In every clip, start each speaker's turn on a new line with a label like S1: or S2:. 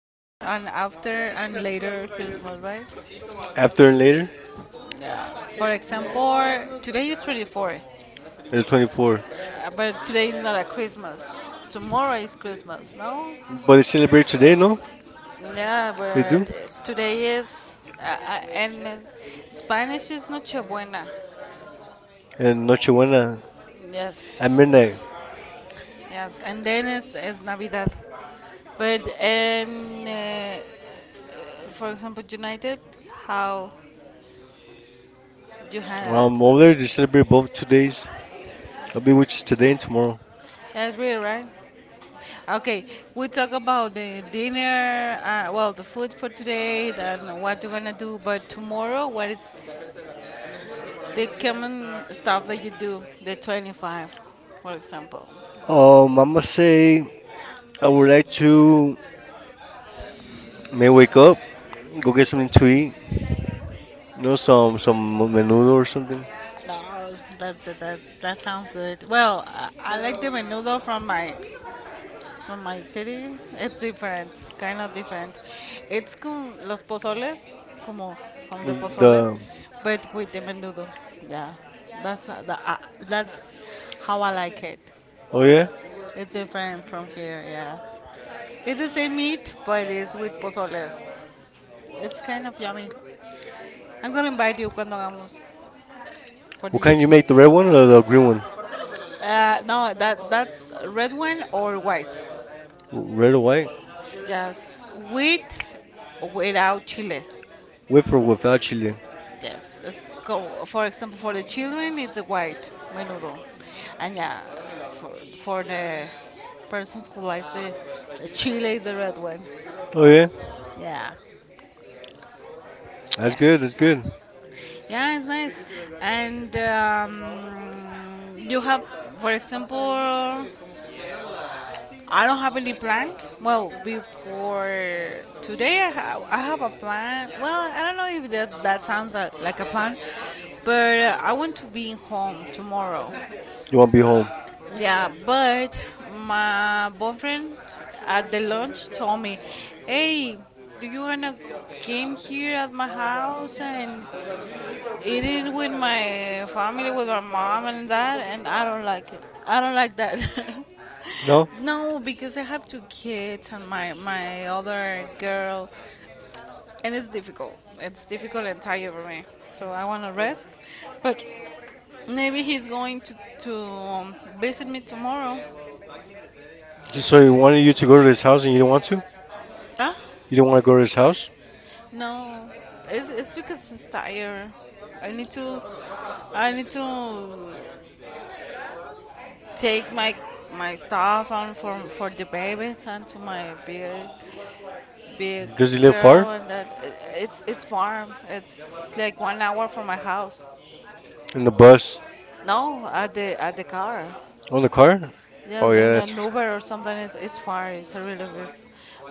S1: and after and later Christmas, right?
S2: After and later,
S1: Yes. For example, today is 24th,
S2: and the 24th.
S1: but today is not a Christmas. Tomorrow is Christmas, no?
S2: But they celebrate today, no?
S1: Yeah,
S2: They do.
S1: but today is and Spanish is Nochebuena.
S2: And Noche Buena at
S1: Yes,
S2: midnight.
S1: yes, and then is Navidad. But and For example, United, how you handle
S2: Um,
S1: it?
S2: over there, they celebrate both 2 days, I mean, which is today and tomorrow.
S1: That's real, right? Okay, we talk about the dinner, well, the food for today, and what you're gonna do. But tomorrow, what is the common stuff that you do? The 25th, for example.
S2: I'm gonna say I would like to may wake up, go get something to eat, you know, some menudo or something.
S1: No, that sounds good. Well, I like the menudo from my from my city, it's different, kind of different. It's con los pozoles, como from the pozole,
S2: The
S1: but with the menudo. Yeah, that's that's how I like it.
S2: oh yeah,
S1: It's different from here. Yes, it's the same meat, but it's with pozoles. It's kind of yummy. I'm gonna invite you cuando hagamos for the
S2: what kind you make?
S1: UK.
S2: The red one or the green one?
S1: No, that's red wine or white.
S2: Red or white?
S1: Yes, with without chile.
S2: With or without chili?
S1: Yes, it's go, for example, for the children, it's a white menudo. And yeah, for, for the persons who like the chile is the red one.
S2: Oh yeah,
S1: Yeah,
S2: that's good. That's
S1: yes.
S2: good.
S1: Yeah, it's nice. And you have, for example, I don't have any plan. Well, before today, I have a plan. Well, I don't know if that sounds like a plan, but I want to be home tomorrow.
S2: You want to be home?
S1: Yeah, but my boyfriend at the lunch told me, "Hey, do you wanna game here at my house and eat it with my family, with my mom and dad?" And I don't like it. I don't like that.
S2: No,
S1: No, because I have two kids and my other girl, and it's difficult. It's difficult and tired for me. So I wanna rest, but maybe he's going to visit me tomorrow.
S2: just so he wanted you to go to his house and you don't want to?
S1: Huh?
S2: You don't want to go to his house?
S1: No, it's because it's tired. I need to, I need to take my stuff and for the babies and to my big
S2: Does he live
S1: girl
S2: far?
S1: and that it's farm. It's like 1 hour from my house.
S2: In the bus?
S1: No, at the car.
S2: On the car?
S1: Yeah,
S2: Oh yeah.
S1: in
S2: That's.
S1: an Uber or something. It's far. It's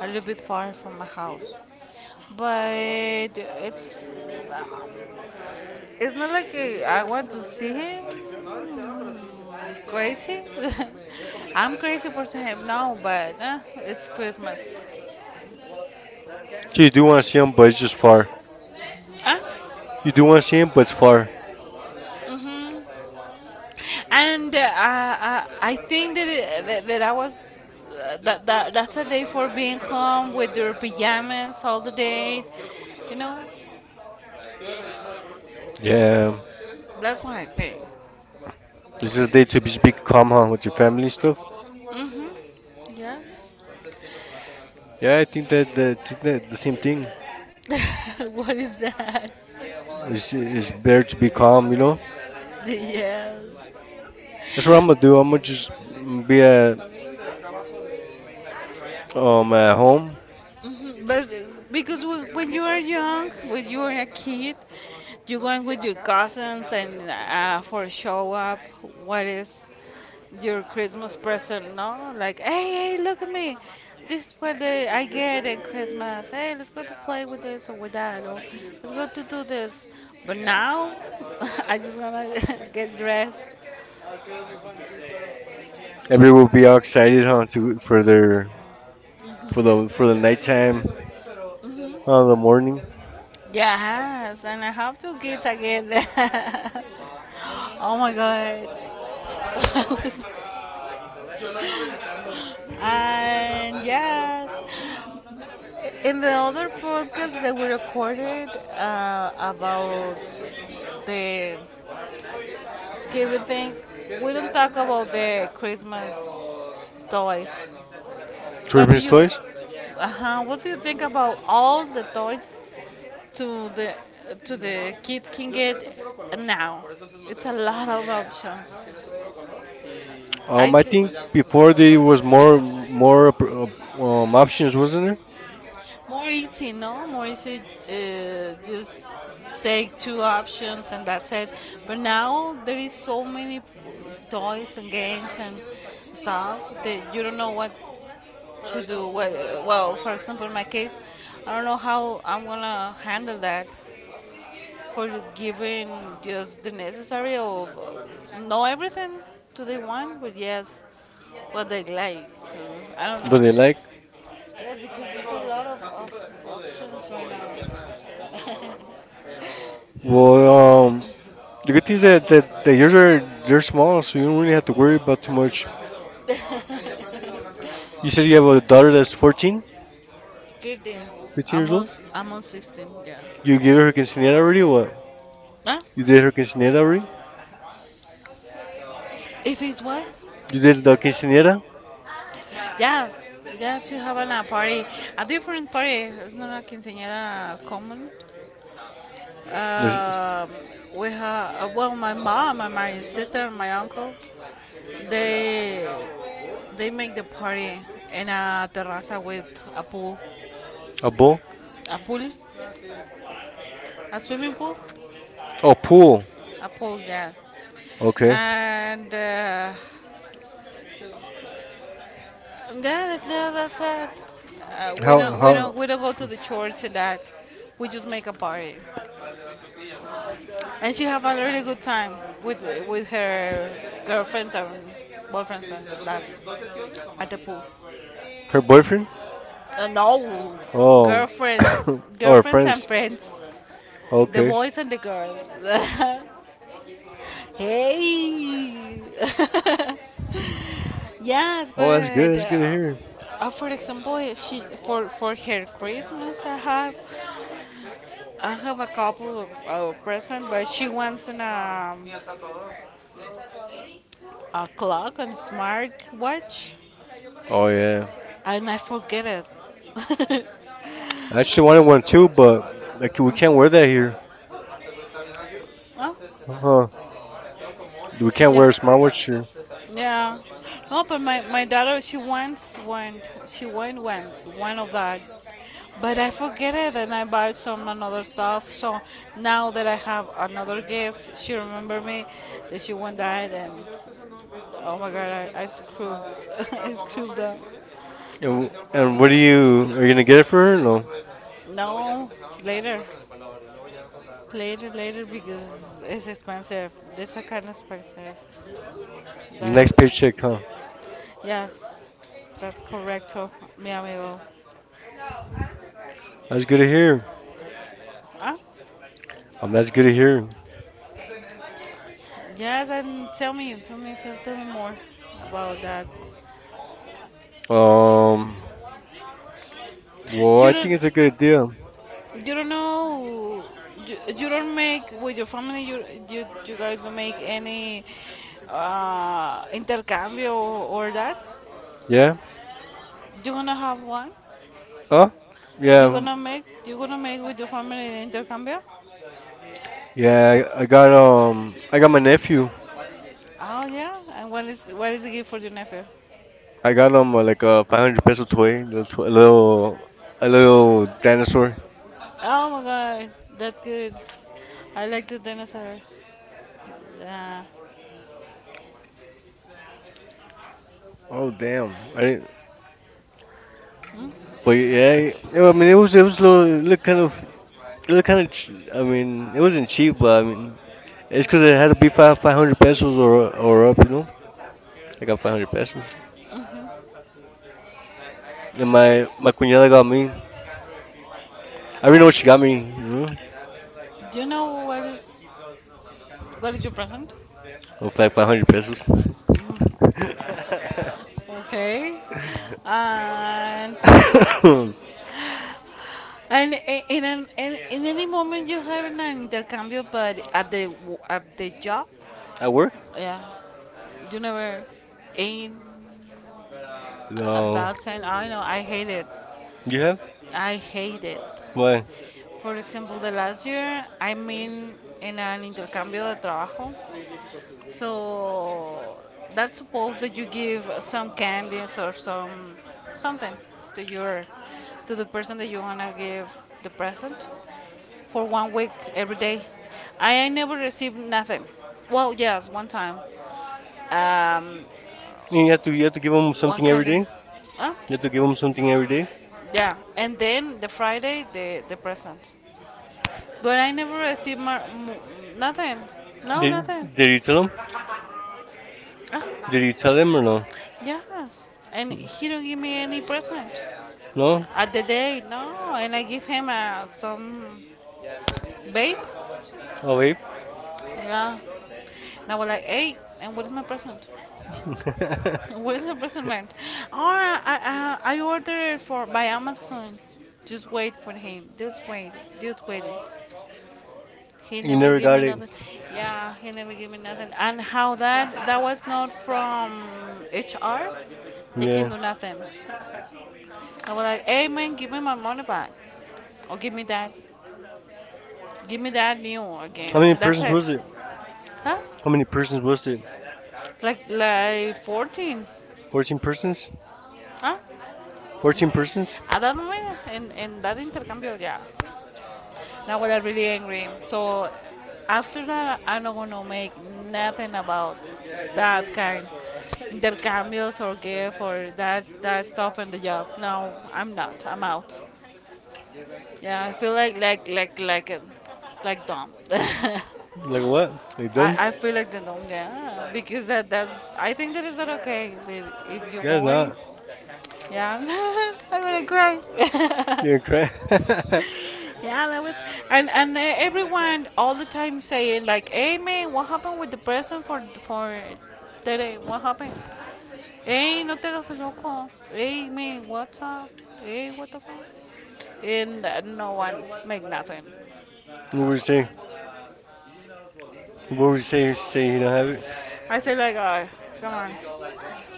S1: a little bit far from my house but it's it's not like I want to see him. Crazy? I'm crazy for him now, but it's Christmas.
S2: So you do want to see him, but it's just far.
S1: Uh,
S2: You do want to see him, but it's far.
S1: I think that I was. That that's a day for being home with your pajamas all the day, you know.
S2: Yeah.
S1: That's what I think.
S2: This is a day to be calm, huh, with your family and stuff.
S1: Yes.
S2: Yeah, I think that the same thing.
S1: What is that?
S2: It's better to be calm, you know.
S1: Yes.
S2: That's what I'm gonna do. I'm gonna just be at home.
S1: But because when you are young, when you are a kid, you're going with your cousins and for a show up, what is your Christmas present? No, like hey, hey, look at me. This is what I get at Christmas. Hey, let's go to play with this or with that, or let's go to do this. But now, I just wanna get dressed.
S2: Everyone will be all excited, huh, to for their for the nighttime, the morning
S1: Yes, and I have two kids again. Oh my god. And yes, in the other podcast that we recorded about the scary things, we don't talk about the Christmas toys. What do
S2: children's
S1: you,
S2: toys.
S1: what do you think about all the toys to the kids can get now? It's a lot of options. I
S2: I
S1: th-
S2: think before there was more options, wasn't there?
S1: More easy, no? More easy, just take two options and that's it. But now there is so many toys and games and stuff that you don't know what to do. Well, for example, in my case, I don't know how I'm gonna handle that for giving just the necessary of know everything to the one, but yes, what they like. So I don't
S2: But they
S1: know.
S2: like
S1: Yeah, because there's a lot of options right now.
S2: well, um, the good thing is that yours are they're small, so you don't really have to worry about too much. You said you have a daughter that's 14,
S1: 15.
S2: 15 years old.
S1: Almost, almost 16, yeah.
S2: You gave her her quinceañera already. Or what?
S1: Huh?
S2: You did her quinceañera already.
S1: If it's what?
S2: You did the quinceañera.
S1: Yes, yes, you have a party, a different party. It's not a quinceañera common.
S2: There's
S1: Um we have, well, my mom and my sister and my uncle, they they make the party in a terraza with a pool,
S2: a bowl.
S1: a pool, a swimming pool,
S2: Oh, pool.
S1: a pool, yeah.
S2: Okay.
S1: And yeah, yeah, that's us.
S2: How how
S1: We don't go to the church and that. We just make a party, and she have a really good time with with her girlfriends and boyfriends and that at the pool.
S2: her boyfriend?
S1: No,
S2: Oh,
S1: girlfriends,
S2: or
S1: girlfriends
S2: friends.
S1: and friends, the
S2: Okay.
S1: boys and the girls. Hey, yes,
S2: Oh, that's
S1: but
S2: good. That's good to hear.
S1: for example, she for her Christmas, I have a couple of present, but she wants a clock and smart watch,
S2: Oh yeah.
S1: and I forget it.
S2: I actually wanted one too, but like we can't wear that here.
S1: Oh,
S2: Uh-huh. We can't wear a
S1: yes,
S2: smartwatch here.
S1: yeah. No, but my daughter she wants one. She want one of that, but I forget it, and I buy some another stuff. So now that I have another gift, she remember me that she want that, and oh my God, I screwed, I screwed up.
S2: And what do you are you gonna get it for her? No.
S1: No, later. Later, because it's expensive. This is kind of expensive. Like,
S2: Next paycheck, huh?
S1: yes, that's correcto, mi amigo.
S2: That's good to hear.
S1: Ah,
S2: That's good to hear.
S1: yeah. Then tell me more about that.
S2: Um, well,
S1: You
S2: I
S1: don't,
S2: think it's a good idea.
S1: you don't know. You don't make with your family. You guys don't make any intercambio or that.
S2: Yeah.
S1: You gonna have one.
S2: Huh? Yeah.
S1: You gonna make with your family intercambio.
S2: Yeah. I got my nephew.
S1: Oh yeah, and what is the gift for your nephew?
S2: I got him like a 500 peso toy, little to- a little dinosaur.
S1: Oh my god, that's good. I like the dinosaur. Yeah.
S2: Oh damn! I didn't. But yeah, yeah, I mean it was a little, it looked kind of. It was kind of, I mean, it wasn't cheap, but I mean, it's because it had to be five five hundred pesos or up, you know. I got 500 pesos, and my cuñada got me. I already know what she got
S1: Oh,
S2: me,
S1: do you know what is your present?
S2: of like 500 pesos.
S1: Okay. And in in any moment you have an intercambio, but at at the job,
S2: At work?
S1: yeah, you never in
S2: No.
S1: that kind. I know I hate it.
S2: You have?
S1: I hate it.
S2: Why?
S1: For example, the last year I'm in an intercambio de trabajo, so that's supposed that you give some candies or some something to your to the person that you wanna give the present for 1 week every day. I never received nothing. Well, yes, one time,
S2: You have to give them
S1: one
S2: something every
S1: candy.
S2: day.
S1: Huh?
S2: You have to give them something every day.
S1: Yeah, and then the Friday the present, but I never received nothing. No,
S2: Did
S1: nothing.
S2: did you tell them? Did you tell them or no?
S1: Yes, and he don't give me any present
S2: No.
S1: at the day. No, and I give him some vape.
S2: Oh wait.
S1: Yeah, and I was like, hey, and what is my present? What is my present, man? Oh, I ordered for by Amazon. Just wait for him. Just wait. Just wait. He
S2: You
S1: never
S2: never
S1: give
S2: got
S1: me
S2: it.
S1: nothing. Yeah, he never give me nothing. And how that that was not from HR. They can
S2: Yeah.
S1: do nothing. I was like, hey man, give me my money back or give me that. Give me that new again.
S2: How many
S1: That's
S2: persons
S1: it.
S2: was it?
S1: Huh?
S2: How many persons was it?
S1: Like 14.
S2: 14 persons?
S1: Huh?
S2: 14 persons?
S1: At that moment, in that intercambio, yes. Now I was really angry. So after that, I'm not gonna make nothing about that kind intercambios or gift or that stuff in the job. No, I'm not. I'm out. Yeah, I feel like a, like dumb.
S2: Like what? Like dumb?
S1: I feel like the norm, yeah, because that's I think that is not okay. The- If you're
S2: Yeah, it's
S1: going,
S2: not.
S1: yeah, I'm gonna cry.
S2: You're crying. What
S1: Yeah, that was and everyone all the time saying like, hey man, what happened with the present for today? What happened? Hey, no te hagas el loco. Hey man, what's up? Hey, what the fuck? And no one make nothing
S2: would
S1: about
S2: you say?
S1: it.
S2: What would you say? Say you don't have it?
S1: I say like, come on,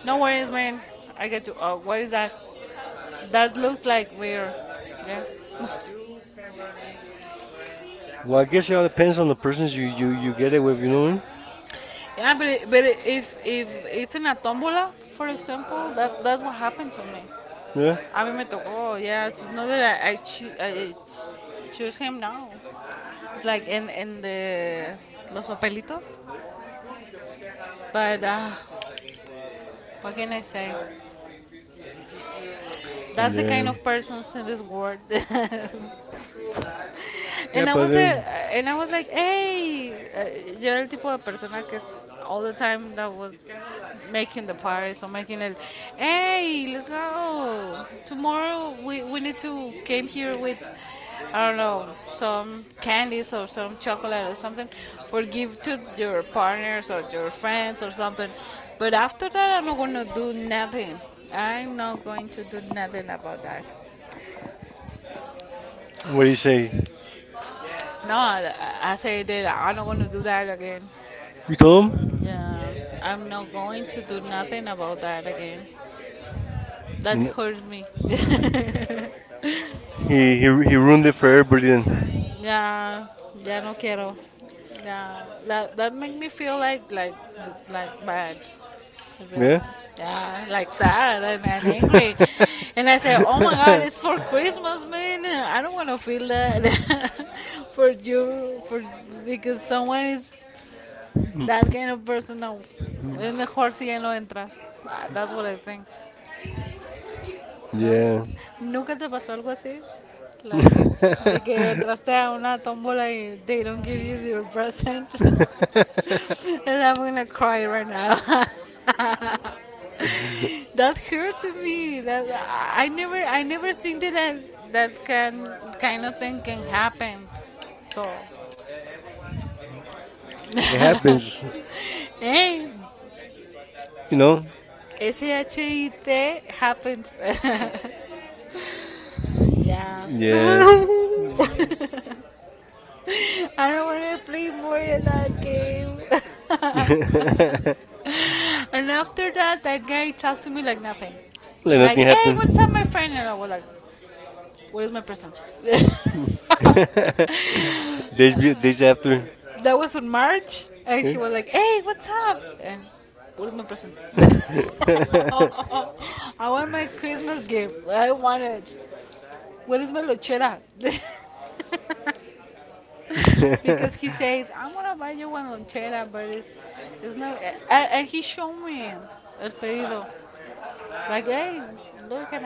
S1: no worries, man. I get to. What is that? That looks like weird. Yeah.
S2: Well, I guess it all depends on the persons you get it with, you know
S1: Yeah, but it, if it's in a tombola, for example, that that's what happened to me.
S2: what I mean?
S1: A mí me tocó. Yeah, it's not that I, choo- I ch- choose him now. It's like in the los papelitos. But what can I say?
S2: Yeah?
S1: That's the
S2: Yeah.
S1: kind of persons in this world.
S2: Yeah,
S1: And
S2: brother.
S1: I was like, hey, yo era el tipo de persona que all the time that was making the parties or making it, hey, let's go. Tomorrow we need to came here with, I don't know, some candies or some chocolate or something for give to your partners or your friends or something. But after that, I'm not going to do nothing. I'm not going to do nothing about that.
S2: What do you say?
S1: No, I say that I'm not going to do that again.
S2: You told him?
S1: Yeah, I'm not going to do nothing about that again. That
S2: And
S1: hurts me.
S2: he ruined it for everybody then.
S1: Yeah, ya no quiero. Yeah, that that make me feel like bad, like real
S2: Yeah?
S1: bad. Yeah, like sad and angry. And I say, oh my God, it's for Christmas, man. I don't want to feel that for you, for because someone is that kind of person. No, es mejor si ya no entras. That's what I think. No,
S2: Yeah.
S1: nunca te pasó algo así, like de que entraste a una tómbola y they don't give you your present, and I'm gonna cry right now. That hurts me. That I never think that can kind of thing can happen. So,
S2: It happens.
S1: hey,
S2: You know?
S1: shit happens. Yeah.
S2: Yeah.
S1: I don't want to play more in that game. And after that, that guy talked to me like nothing.
S2: Like
S1: Like,
S2: nothing
S1: hey,
S2: happened.
S1: what's up, my friend? And I was like, where's my present?
S2: Days days after.
S1: That was in March, and
S2: Huh?
S1: he was like, hey, what's up? And where's my present? I want my Christmas gift. I want it. Where is my lonchera? Because he says, I'm going to buy you one lonchera, but it's not. And he showed me el pedido. Like, hey, look at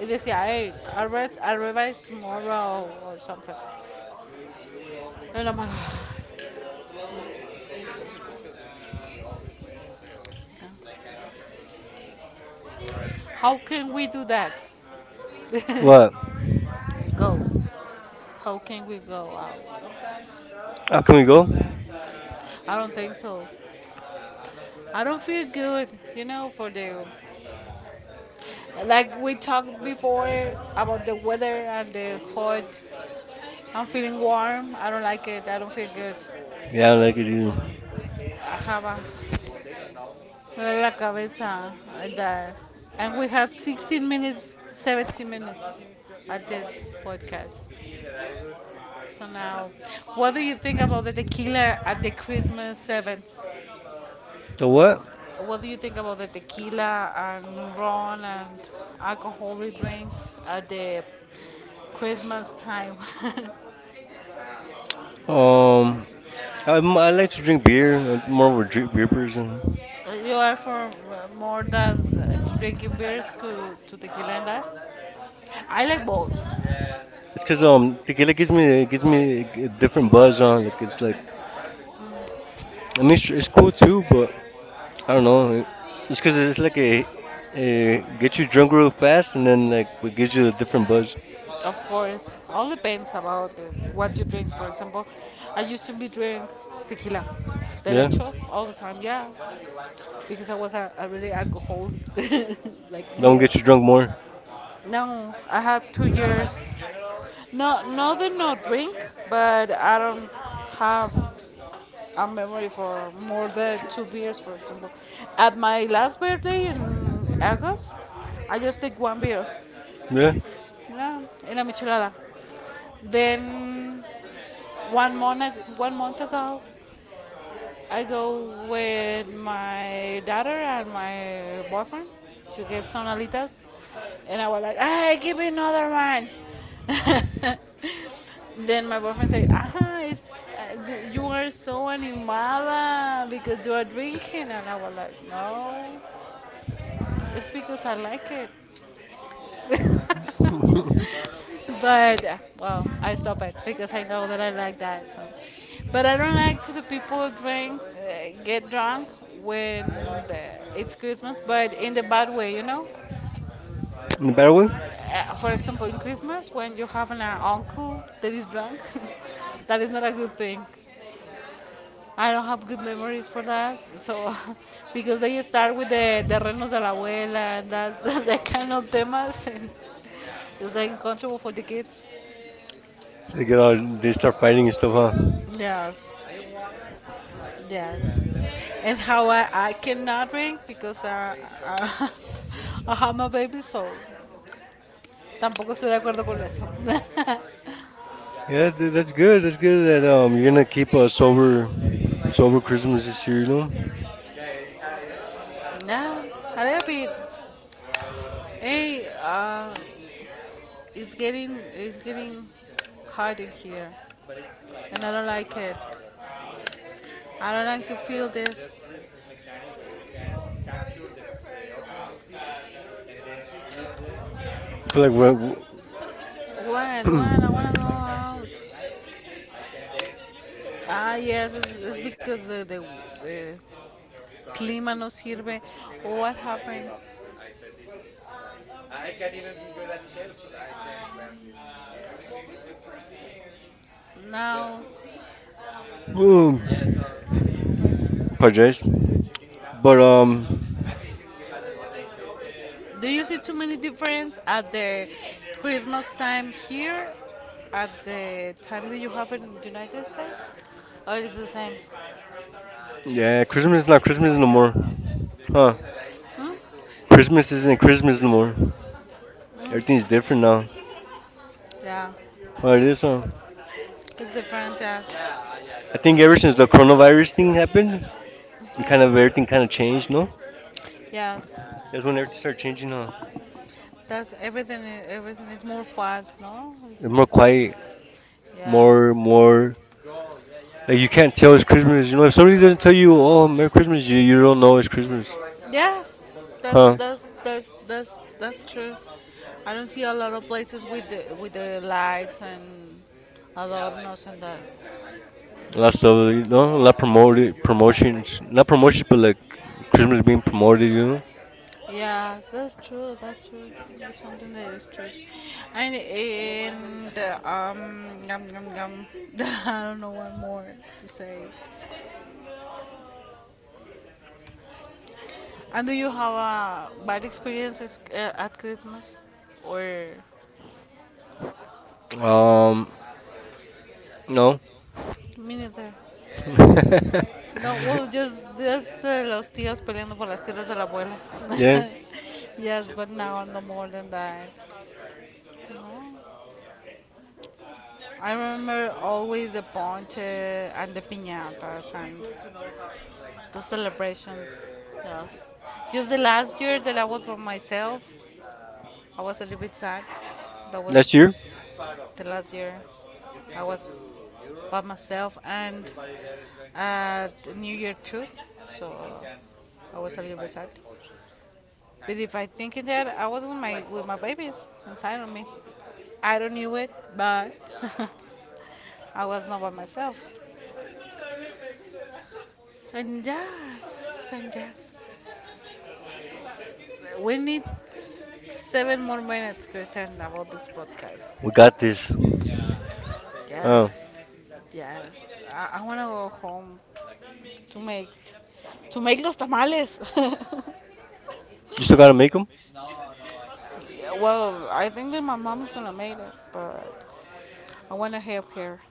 S1: it. They say, hey, I revise tomorrow or something. And I'm like, how can we do that?
S2: What?
S1: Go. How can we go out?
S2: How can we go?
S1: I don't think so. I don't feel good, for the, like, we talked before about the weather and the hot. I'm feeling warm. I don't like it. I don't feel good.
S2: Yeah, I like it either.
S1: I have a me duele la cabeza and that. And we have 16 minutes, 17 minutes at this podcast. So now, what do you think about the tequila at the Christmas events?
S2: So what?
S1: What do you think about the tequila and ron and alcoholic drinks at the Christmas time?
S2: Um, I like to drink beer. I'm more of a drink beer person.
S1: You are for more than drinking beers to tequila and that? I like both,
S2: It's cause tequila gives me a different buzz on. Like it's like I mean it's cool too, but I don't know. It's because it's like a gets you drunk real fast, and then like it gives you a different buzz.
S1: of course. All depends about what you drink. For example, I used to be drink tequila
S2: Yeah,
S1: derecho all the time, yeah, because I was a really alcoholic, like
S2: that one
S1: real.
S2: gets you drunk more.
S1: No, I have 2 years. No, no, they no drink, but I don't have a memory for more than two beers, for example. At my last birthday in August, I just take one beer,
S2: Yeah,
S1: yeah, in a michelada. Then one month ago, I go with my daughter and my boyfriend to get some alitas, and I was like, "Hey, give me another one." Then my boyfriend said, "Ah, you are so animada because you are drinking," and I was like, "No, it's because I like it."
S2: in
S1: But well, I stop it because I know that I like that. So, but I don't like to the people drink, get drunk when it's Christmas, but in the bad way.
S2: the better one.
S1: For example, in Christmas, when you have an uncle that is drunk, that is not a good thing. I don't have good memories for that. So, because they start with the terrenos de la abuela and that, that kind of temas, and it's like uncomfortable for the kids.
S2: So they get all they start fighting and stuff, huh?
S1: Yes. Yes. And how I cannot drink because I, I'm a baby, soul. Tampoco estoy de acuerdo con eso.
S2: Yeah, that's good. That's good that you're gonna keep a sober Christmas this year. You know,
S1: No, a little bit. Hey, it's getting hot in here, and I don't like it. I don't like to feel this.
S2: I feel like
S1: What?
S2: what?
S1: What? I wanna go out. Yes, it's because the clima no sirve. What happened? Now,
S2: Ooh, apologize. But
S1: do you see too many difference at the Christmas time here at the time that you have in the United States? Or is the same?
S2: yeah, Christmas is not Christmas no more, huh?
S1: Hmm?
S2: Christmas isn't Christmas no more. Everything's different now.
S1: Yeah,
S2: Oh, it is, huh?
S1: it's different. Yes,
S2: I think ever since the coronavirus thing happened, it kind of everything kind of changed. No,
S1: yes.
S2: that's when everything started changing. Huh?
S1: That's everything. Everything is more fast. No,
S2: It's more quiet, more,
S1: Yes.
S2: more. Like you can't tell it's Christmas. You know, if somebody doesn't tell you, "Oh, Merry Christmas," you don't know it's Christmas.
S1: Yes. that
S2: Huh?
S1: that's that's that's that's true. I don't see a lot of places with the lights and adornos and that.
S2: A lot of a lot of promoted promotions, not promotions, but like Christmas being promoted. You
S1: Yes, that's true. That's true. That's something that is true. And yum, yum, yum. I don't know what more to say. And do you have a bad experiences at Christmas or
S2: know, no.
S1: me neither? No, well, just los tíos peleando por las tierras del abuelo.
S2: Yeah,
S1: Yes, but now no more than that. No. I remember always the ponche and the piñatas and the celebrations. Yes. Just the last year that I was by myself, I was a little bit sad. That
S2: next
S1: was
S2: year
S1: the last year I was by myself and at New Year too. So I was a little bit sad. But if I think in that, I was with my babies inside of me. I don't knew it, but I was not by myself. And yes, and yes. We need 7 more minutes, Christian, about this podcast.
S2: we got this. Oh,
S1: Yes, yes. I want to go home to make to make los tamales.
S2: you still gotta make them.
S1: Yeah, well, I think that my mom is gonna make it, but I want to help her.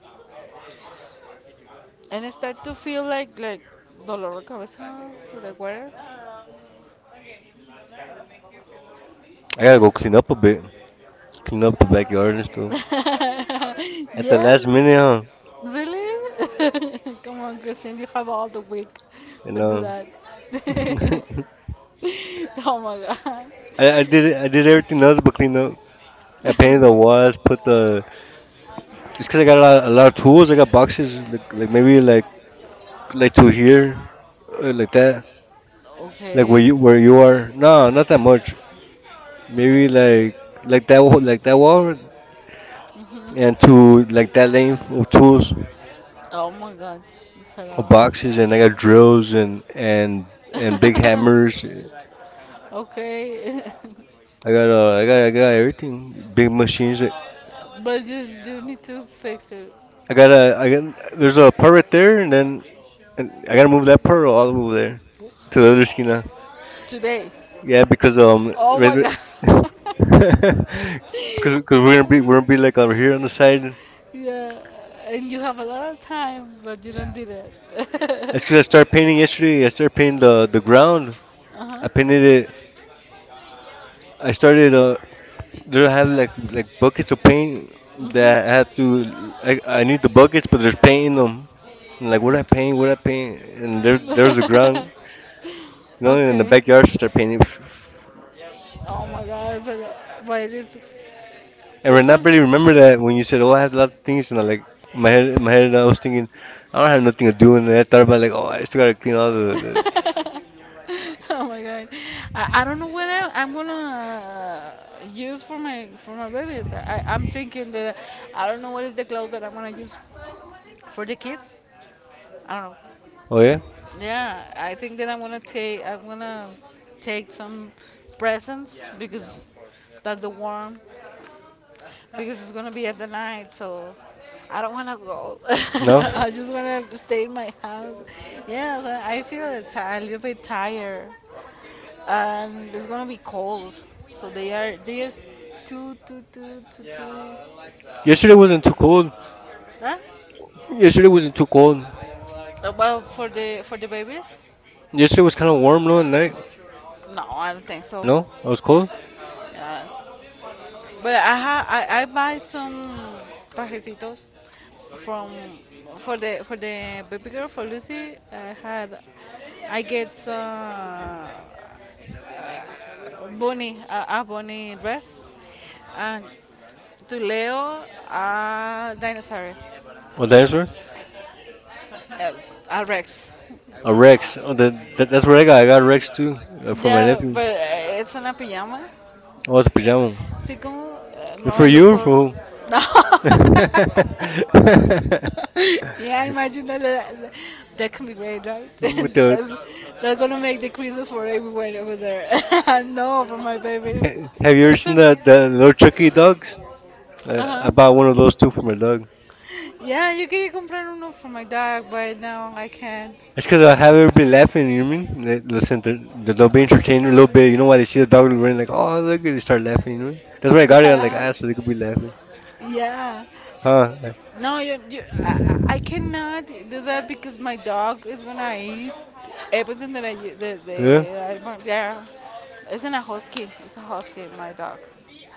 S1: And I start to feel like dolor de cabeza, like water.
S2: I gotta go clean up a bit, clean up the backyard and stuff. At the
S1: Yeah,
S2: last minute, huh?
S1: really? Come on, Christine, you have all the week.
S2: You
S1: But do
S2: know,
S1: that. Oh my god.
S2: I did everything else but clean up. I painted the walls, put the. It's cause I got a lot of tools. I got boxes, like maybe like to here, like that, like where
S1: Okay.
S2: you where you are. No, not that much. Maybe like that wall, like that wall, and to like that length of tools,
S1: Oh my god,
S2: of
S1: Sarah.
S2: boxes, and I got drills and and big hammers.
S1: Okay.
S2: I got I got everything. Big machines
S1: But you need to fix it.
S2: I gotta, I got, there's a part right there, and then and I gotta move that part, all I'll move there to the other esquina.
S1: Today.
S2: Yeah, because
S1: Oh my
S2: right,
S1: god.
S2: because cause we're gonna be like over here on the side.
S1: Yeah, and you have a lot of time, but you don't did
S2: That's because I started
S1: it.
S2: painting yesterday. I started painting the ground.
S1: Uh
S2: I
S1: huh.
S2: painted it. I started there I have like buckets of paint
S1: Mhm.
S2: that I have to. I need the buckets, but there's paint in them. And like what I paint, and there's the ground. You know, in the
S1: Okay.
S2: backyard, I start painting.
S1: Oh my God, but
S2: And right
S1: it's
S2: now, I
S1: gonna.
S2: barely remember that when you said, "Oh, I had a lot of things," and I like in my head, I was thinking, I don't have nothing to do, and then I thought about like, oh, I still gotta clean all the.
S1: Oh my god, I don't know what I'm gonna use for my babies. I'm thinking that I don't know what is the clothes that I'm gonna use for the kids. I don't know.
S2: Oh yeah,
S1: Yeah, I think that I'm gonna take some presents because that's the warm because it's gonna be at the night so. I don't want to go.
S2: no.
S1: I just want to stay in my house. Yes, I feel a little bit tired. And it's gonna be cold. So they are too too too too too.
S2: Yesterday wasn't too cold.
S1: Huh?
S2: Yesterday wasn't too cold.
S1: Well, for the babies?
S2: Yesterday was kind of warm though at night.
S1: No, I don't think so.
S2: No, I was cold.
S1: Yes. But I buy some trajecitos from for the baby girl for Lucy. I get a bunny dress and to Leo a dinosaur.
S2: Oh, dinosaur.
S1: Yes, a Rex.
S2: A Rex. Oh, that's what I got. I got a Rex too for my
S1: Yeah,
S2: nephew.
S1: but it's in a pajama.
S2: Oh, it's a pajama.
S1: Así como
S2: For you or
S1: mamelucos.
S2: for
S1: No.
S2: who?
S1: Yeah, I imagine that that can be great, right?
S2: With the,
S1: That's gonna make the creases for everyone over there. No, for my babies.
S2: have you ever seen the little Chucky dogs? I, I
S1: Uh-huh.
S2: bought one of those too for my dog.
S1: Yeah, yo quería comprar uno for my dog, but now I can't.
S2: It's because I have everybody laughing. You know what I mean? They, listen, they'll be entertained a little bit. You know why they see the dog running like, oh look, and they start laughing. You know? What I mean? That's why I got it on like
S1: Yeah.
S2: ass so they could be laughing.
S1: Yeah.
S2: Huh?
S1: No, you, I cannot do that because my dog is gonna eat everything that I, u- the,
S2: Yeah,
S1: I want. Yeah. It's not a husky. It's a husky, my dog.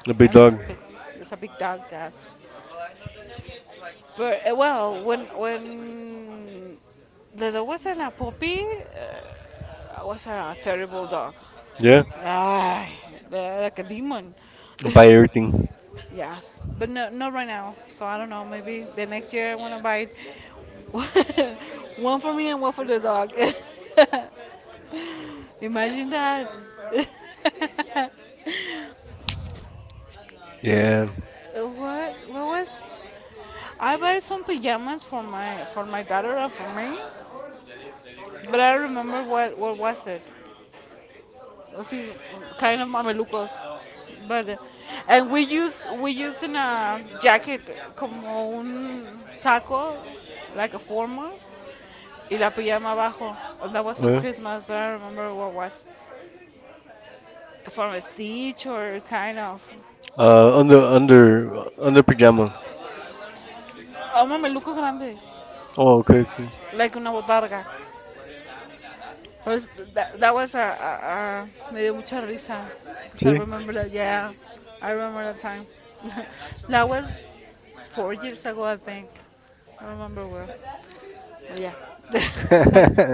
S2: a big
S1: And
S2: dog.
S1: it's big. It's a big dog, yes. But, well, when the dog wasn't a puppy, was a terrible dog.
S2: Yeah,
S1: Ah, they're like a demon.
S2: I buy everything.
S1: Yes, but no, not right now. So I don't know. Maybe the next year I want to buy one for me and one for the dog. Imagine that.
S2: Yeah.
S1: What? What was? I buy some pajamas for my daughter and for me, but I don't remember what was it. Was kind of mamelucos, but and we use in a jacket como un saco, like a formal y la pijama abajo. That was on
S2: Well,
S1: Christmas, but I don't remember what it was. From a Stitch or kind of.
S2: uh, under under under pajama.
S1: Ama meluco grande.
S2: Oh, okay. Okay.
S1: Like una botarga. But that was a. Me dio mucha risa. Because I
S2: See?
S1: remember that, yeah. I remember that time. That was 4 years ago, I think. I remember where. But yeah.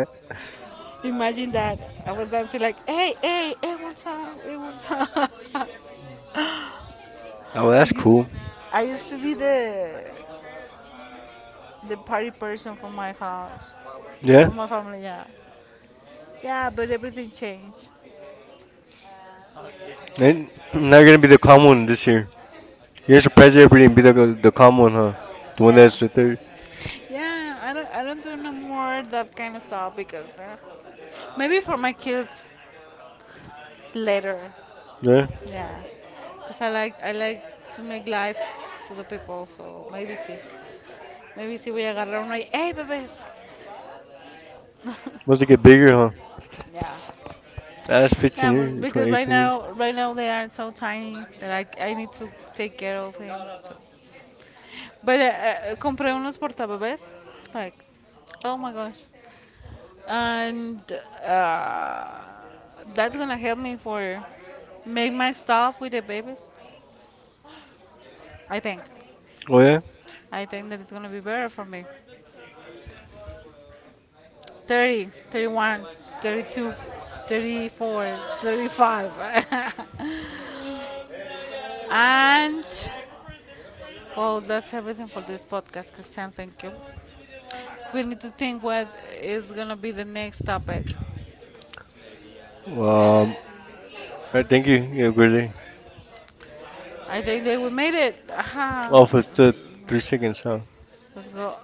S1: Imagine that. I was dancing like, hey, hey, hey, what's up? Hey, what's up?
S2: Oh, that's
S1: I
S2: cool.
S1: used to be the party person from my house,
S2: Yeah.
S1: from my family. Yeah, yeah, but everything changed.
S2: And now you're gonna be the calm one this year. You're gonna surprise everybody and be the calm one, huh? The one that's
S1: Yeah,
S2: the third.
S1: yeah. I don't do no more that kind of stuff because maybe for my kids later.
S2: Yeah?
S1: Yeah, because I like to make life to the people. So maybe see we agarrar una. Hey, bebés.
S2: Must it get bigger, huh?
S1: Yeah.
S2: That's 15
S1: Yeah, but
S2: years,
S1: because
S2: 20,
S1: right
S2: 18 years.
S1: now, right now they are so tiny that I need to take care of him. But compré unos portabebés, like, oh my gosh, and uh, that's gonna help me for make my stuff with the babies. I think,
S2: Oh, yeah?
S1: I think that it's gonna be better for me. 30, 31, 32, 34, 35, and well, that's everything for this podcast, Christian. Thank you. We need to think what is gonna be the next topic.
S2: Um, alright, thank you. You have a great day.
S1: I think that we made it. Aha.
S2: Oh, for the 3 seconds, huh?
S1: Let's go.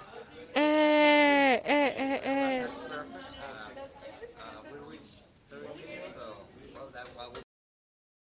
S1: Eh, eh, eh, eh. Yeah.